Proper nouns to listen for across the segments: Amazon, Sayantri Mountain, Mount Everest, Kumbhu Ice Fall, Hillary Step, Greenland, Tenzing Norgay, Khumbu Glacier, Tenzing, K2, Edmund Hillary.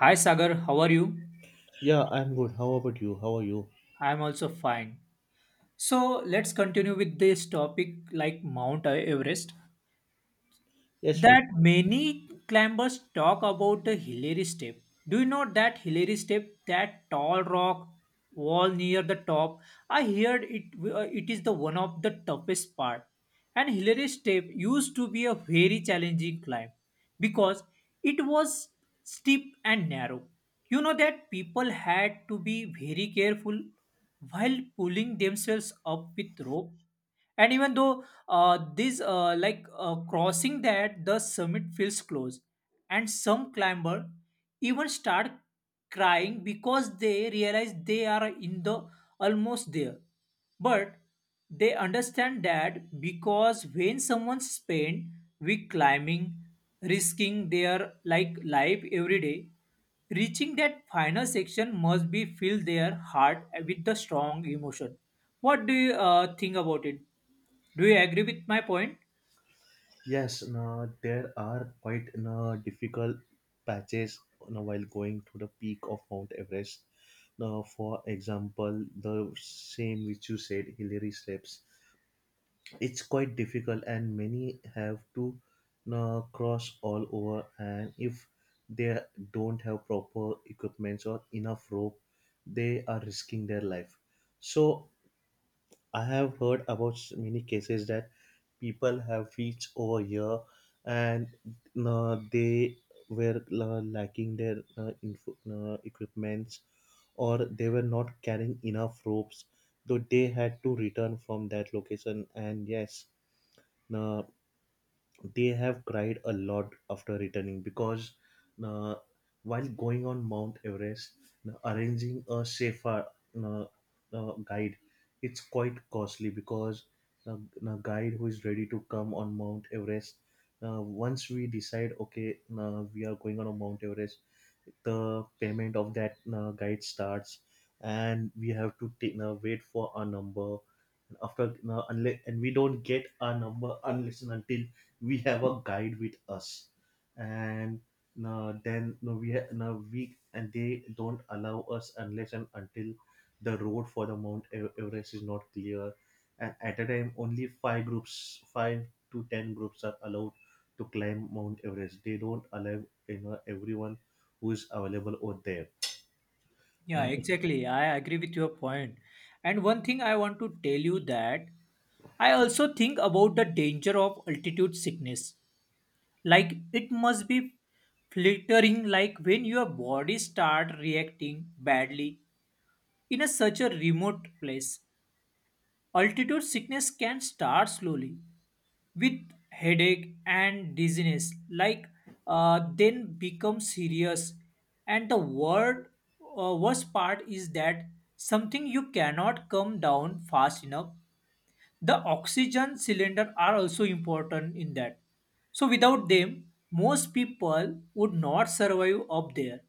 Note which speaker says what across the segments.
Speaker 1: Hi Sagar, how are you?
Speaker 2: Yeah, I'm good. How about you? How are you?
Speaker 1: I'm also fine. So let's continue with this topic like Mount Everest
Speaker 2: Yes, we.
Speaker 1: that many climbers talk about the Hillary step. Do you know that Hillary step, that tall rock wall near the top? I heard it it is the one of the toughest part. And Hillary Step used to be a very challenging climb because it was steep and narrow. You know that people had to be very careful while pulling themselves up with rope. And even though this, like crossing that, the summit feels close, and some climber even start crying because they realize they are in the almost there but they understand that because when someone spend week climbing, risking their like life every day, reaching that final section must be fill their heart with the strong emotion. What do you think about it? Do you agree with my point?
Speaker 2: Yes, now there are quite no difficult patches now while going to the peak of Mount Everest. Now, for example, the same which you said, Hillary Steps. It's quite difficult, and many have to now cross all over. And if they don't have proper equipments or enough rope, they are risking their life. So I have heard about many cases that people have reached over here and they were lacking their equipments, or they were not carrying enough ropes. Though they had to return from that location. And yes, uh, they have cried a lot after returning, because uh, while going on Mount Everest, arranging a safer uh, guide, it's quite costly, because a guide who is ready to come on Mount Everest, once we decide, okay, we are going on a Mount Everest, the payment of that guide starts, and we have to wait for our number, after unless and we don't get our number unless and until we have a guide with us. And then no we ha- no we and they don't allow us unless and until the road for the Mount Everest is not clear. And at a time, only five to ten groups are allowed to climb Mount Everest. They don't allow, everyone who is available over there.
Speaker 1: Yeah, exactly. I agree with your point. And one thing I want to tell you that I also think about the danger of altitude sickness like it must be flittering like when your body start reacting badly in a such a remote place altitude sickness can start slowly with headache and dizziness like then become serious and the word worst part is that something you cannot come down fast enough the oxygen cylinder are also important in that. So without them, most people would not survive up there.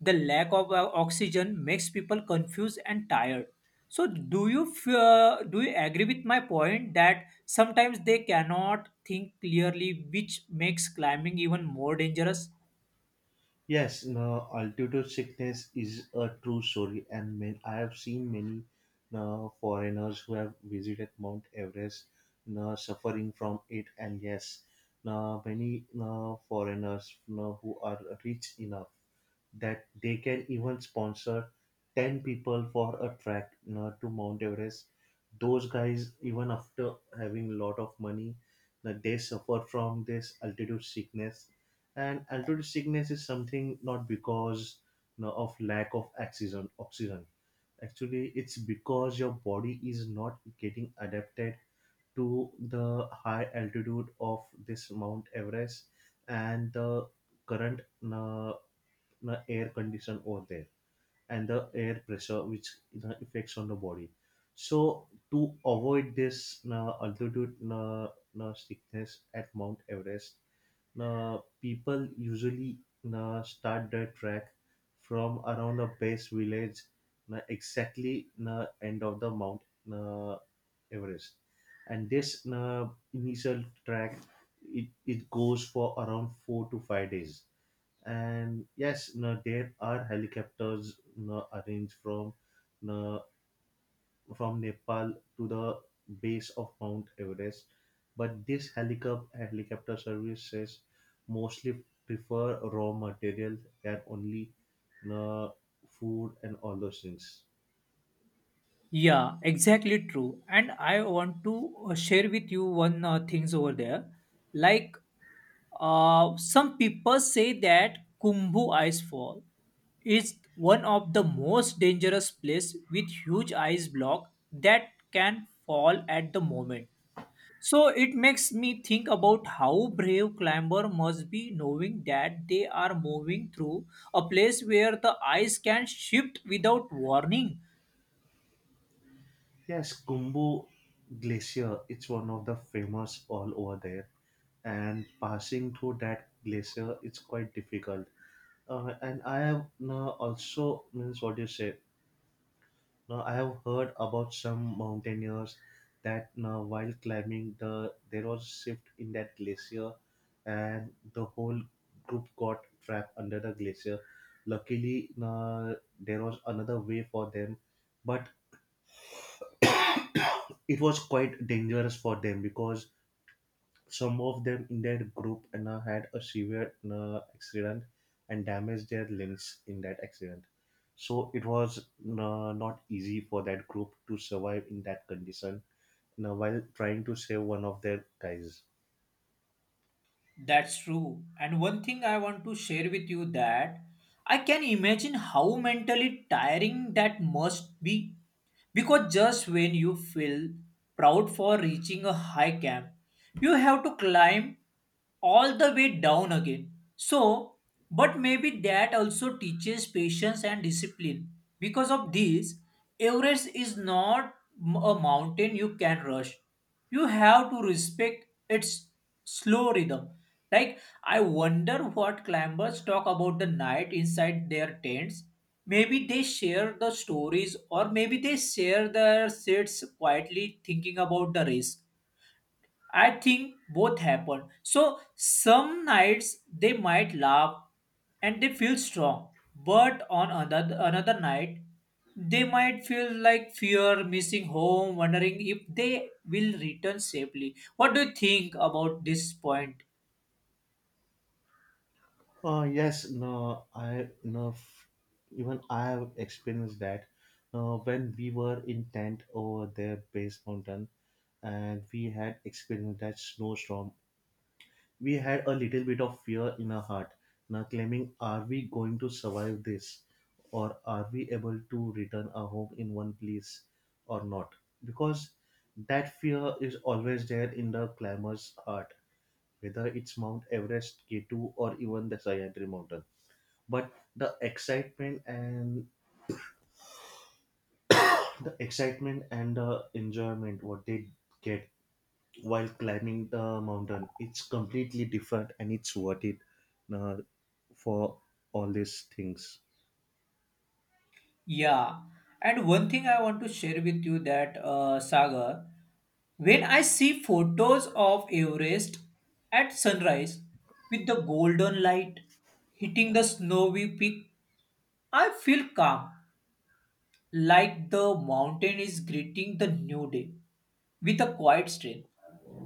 Speaker 1: The lack of oxygen makes people confused and tired. So do you agree with my point that sometimes they cannot think clearly, which makes climbing even more dangerous?
Speaker 2: Yes, no, altitude sickness is a true story, and man, I have seen many no, foreigners who have visited Mount Everest, no, suffering from it. And yes, no, many no, foreigners no, who are rich enough that they can even sponsor 10 people for a trek, to Mount Everest. Those guys, even after having a lot of money, that they suffer from this altitude sickness. And altitude sickness is something not because, of lack of oxygen. Actually, it's because your body is not getting adapted to the high altitude of this Mount Everest, and the current uh, the air condition over there, and the air pressure, which, affects on the body. So to avoid this altitude sickness at Mount Everest, people usually start their trek from around the base village, exactly end of the Mount uh, Everest. And this initial track, it goes for around 4 to 5 days. And yes, no, there are helicopters, no, arranged from no, from Nepal to the base of Mount Everest. But this helicopter services mostly prefer raw material, and only no, food and all those things.
Speaker 1: Yeah, exactly true. And I want to share with you one things over there, like some people say that Kumbhu Ice Fall is one of the most dangerous place with huge ice block that can fall at the moment. So it makes me think about how brave climber must be knowing that they are moving through a place where the ice can shift without warning.
Speaker 2: Yes, Kumbu glacier, it's one of the famous all over there, and passing through that glacier, it's quite difficult. And I have now also means what you said. Now I have heard about some mountaineers that now while climbing, there was a shift in that glacier, and the whole group got trapped under the glacier. Luckily, now there was another way for them, but it was quite dangerous for them, because some of them in their group and had a severe accident, and damaged their limbs in that accident. So it was not easy for that group to survive in that condition, while trying to save one of their guys.
Speaker 1: That's true. And one thing I want to share with you that I can imagine how mentally tiring that must be. Because just when you feel proud for reaching a high camp, you have to climb all the way down again. So, but maybe that also teaches patience and discipline. Because of this, Everest is not a mountain you can rush you have to respect its slow rhythm. Like, I wonder what climbers talk about the night inside their tents. Maybe they share the stories, or maybe they share their sits quietly thinking about the risk. I think both happen. So some nights they might laugh and they feel strong, but on another night they might feel like fear, missing home, wondering if they will return safely. What do you think about this point?
Speaker 2: Yes, no, I no f- even I have experienced that. When we were in tent over there, base mountain, and we had experienced that snowstorm, we had a little bit of fear in our heart, now claiming, are we going to survive this? Or are we able to return our home in one place or not? Because that fear is always there in the climber's heart, whether it's Mount Everest, K2, or even the Sayantri Mountain. But the excitement and the enjoyment what they get while climbing the mountain, it's completely different, and it's worth it. Uh, for all these things.
Speaker 1: Yeah, and one thing I want to share with you that Sagar, when I see photos of Everest at sunrise with the golden light hitting the snowy peak I feel calm, like the mountain is greeting the new day with a quiet strength.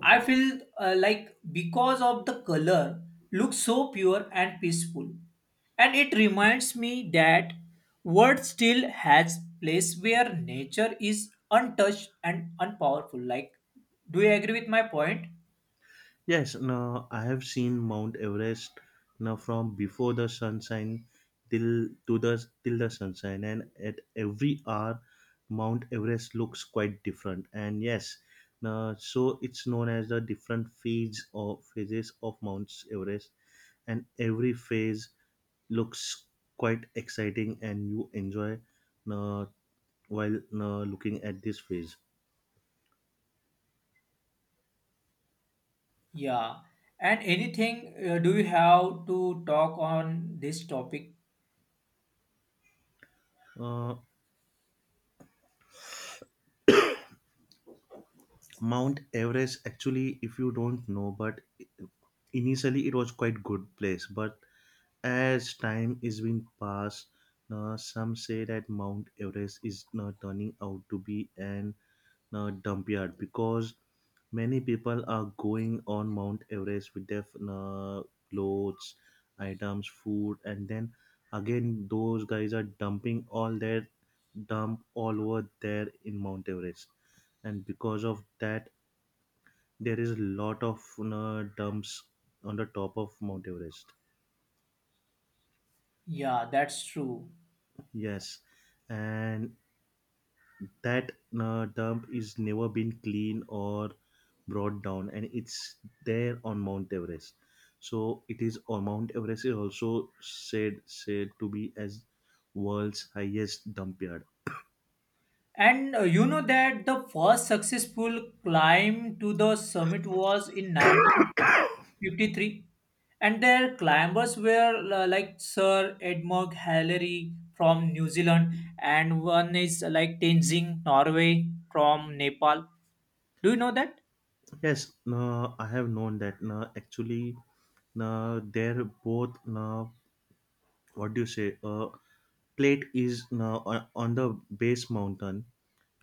Speaker 1: I feel like because of the color looks so pure and peaceful and it reminds me that world still has place where nature is untouched and unpowerful like do you agree with my point?
Speaker 2: Yes, now I have seen Mount Everest now from before the sunshine till the sunshine, and at every hour, Mount Everest looks quite different. And yes, now so it's known as the different phases or phases of Mount Everest, and every phase looks quite exciting, and you enjoy uh, while looking at this phase.
Speaker 1: Yeah, and anything do you have to talk on this topic?
Speaker 2: Uh, Mount Everest, actually, if you don't know, but initially it was quite good place. But as time is being passed, now some say that Mount Everest is now turning out to be an dump yard, because many people are going on Mount Everest with their clothes, items, food, and then again those guys are dumping all their dump all over there in Mount Everest. And because of that, there is a lot of, dumps on the top of Mount Everest.
Speaker 1: Yeah, that's true.
Speaker 2: Yes, and that dump is never been clean or brought down, and it's there on Mount Everest. So it is on Mount Everest is also said to be as world's highest dump yard.
Speaker 1: And you know that the first successful climb to the summit was in 1953, and their climbers were like Sir Edmund Hillary from New Zealand, and one is like Tenzing Norway from Nepal. Do you know that?
Speaker 2: Yes, I have known that. Actually, they're both what do you say? Plate is on the base mountain.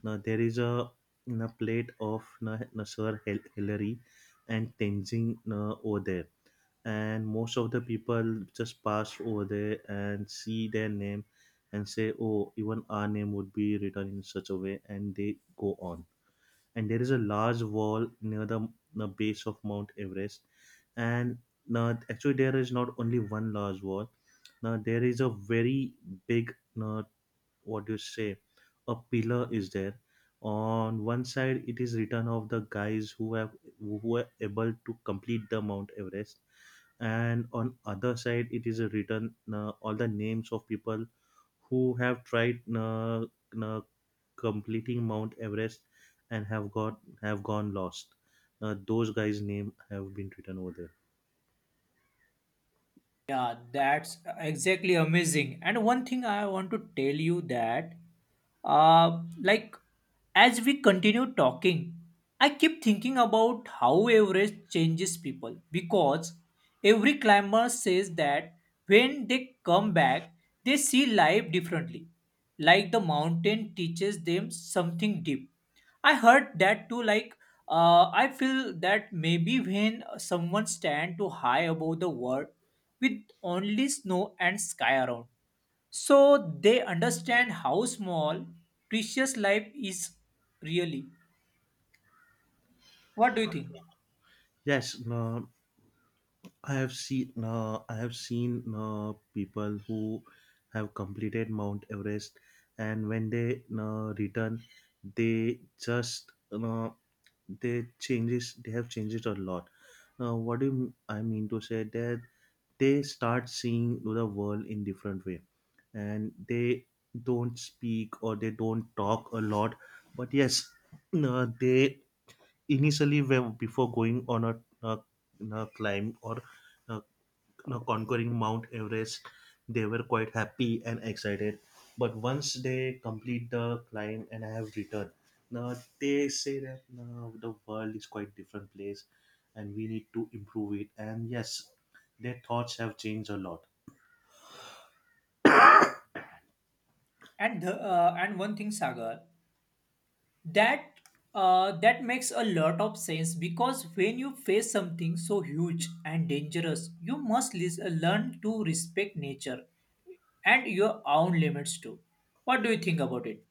Speaker 2: Now there is a, na plate of na, na Sir Hillary and Tenzing, na, over there, and most of the people just pass over there and see their name and say, "Oh, even our name would be written in such a way," and they go on. And there is a large wall near the base of Mount Everest. And now actually there is not only one large wall. Now there is a very big, now what do you say, a pillar is there. On one side, it is written of the guys who were able to complete the Mount Everest. And on other side, it is written all the names of people who have tried uh, completing Mount Everest and have gone lost. Those guys name have been written over there.
Speaker 1: Yeah, that's exactly amazing. And one thing I want to tell you that, like, as we continue talking, I keep thinking about how Everest changes people because every climber says that when they come back, they see life differently. Like the mountain teaches them something deep. I heard that too, like I feel that maybe when someone stand too high above the world with only snow and sky around, so they understand how small precious life is really. What do you think?
Speaker 2: Yes, I have seen people who have completed Mount Everest, and when they return, they just they changes they have changed a lot. Now, I mean to say that they start seeing the world in different way, and they don't speak, or they don't talk a lot. But yes, they initially, when before going on a climb, or uh, conquering Mount Everest, they were quite happy and excited. But once they complete the climb and have returned, now they say that now the world is quite different place, and we need to improve it. And yes, their thoughts have changed a lot.
Speaker 1: And the, and one thing, Sagar, that that makes a lot of sense because when you face something so huge and dangerous, you must learn to respect nature and your own limits too. What do you think about it?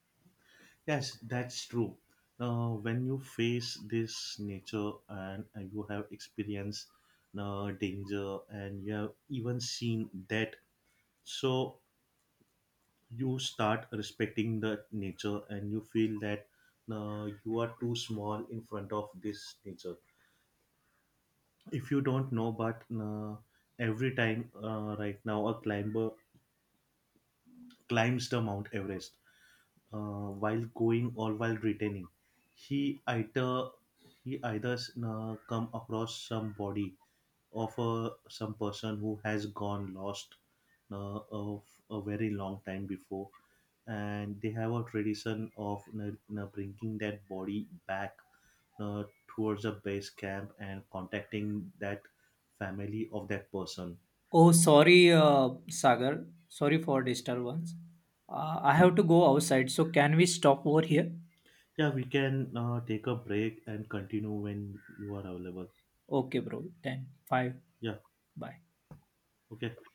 Speaker 2: Yes, that's true. Now, when you face this nature, and you have experienced danger, and you have even seen death, so you start respecting the nature, and you feel that you are too small in front of this nature. If you don't know, but every time right now a climber climbs the Mount Everest, uh, while going or while returning, he either he either come across some body of some person who has gone lost of a very long time before. And they have a tradition of, bringing that body back uh, towards the base camp and contacting that family of that person.
Speaker 1: Oh, sorry, Sagar. Sorry for disturbance. I have to go outside, so can we stop over here?
Speaker 2: Yeah, we can take a break and continue when you are available.
Speaker 1: Okay, bro. Then, five.
Speaker 2: Yeah,
Speaker 1: Bye.
Speaker 2: okay.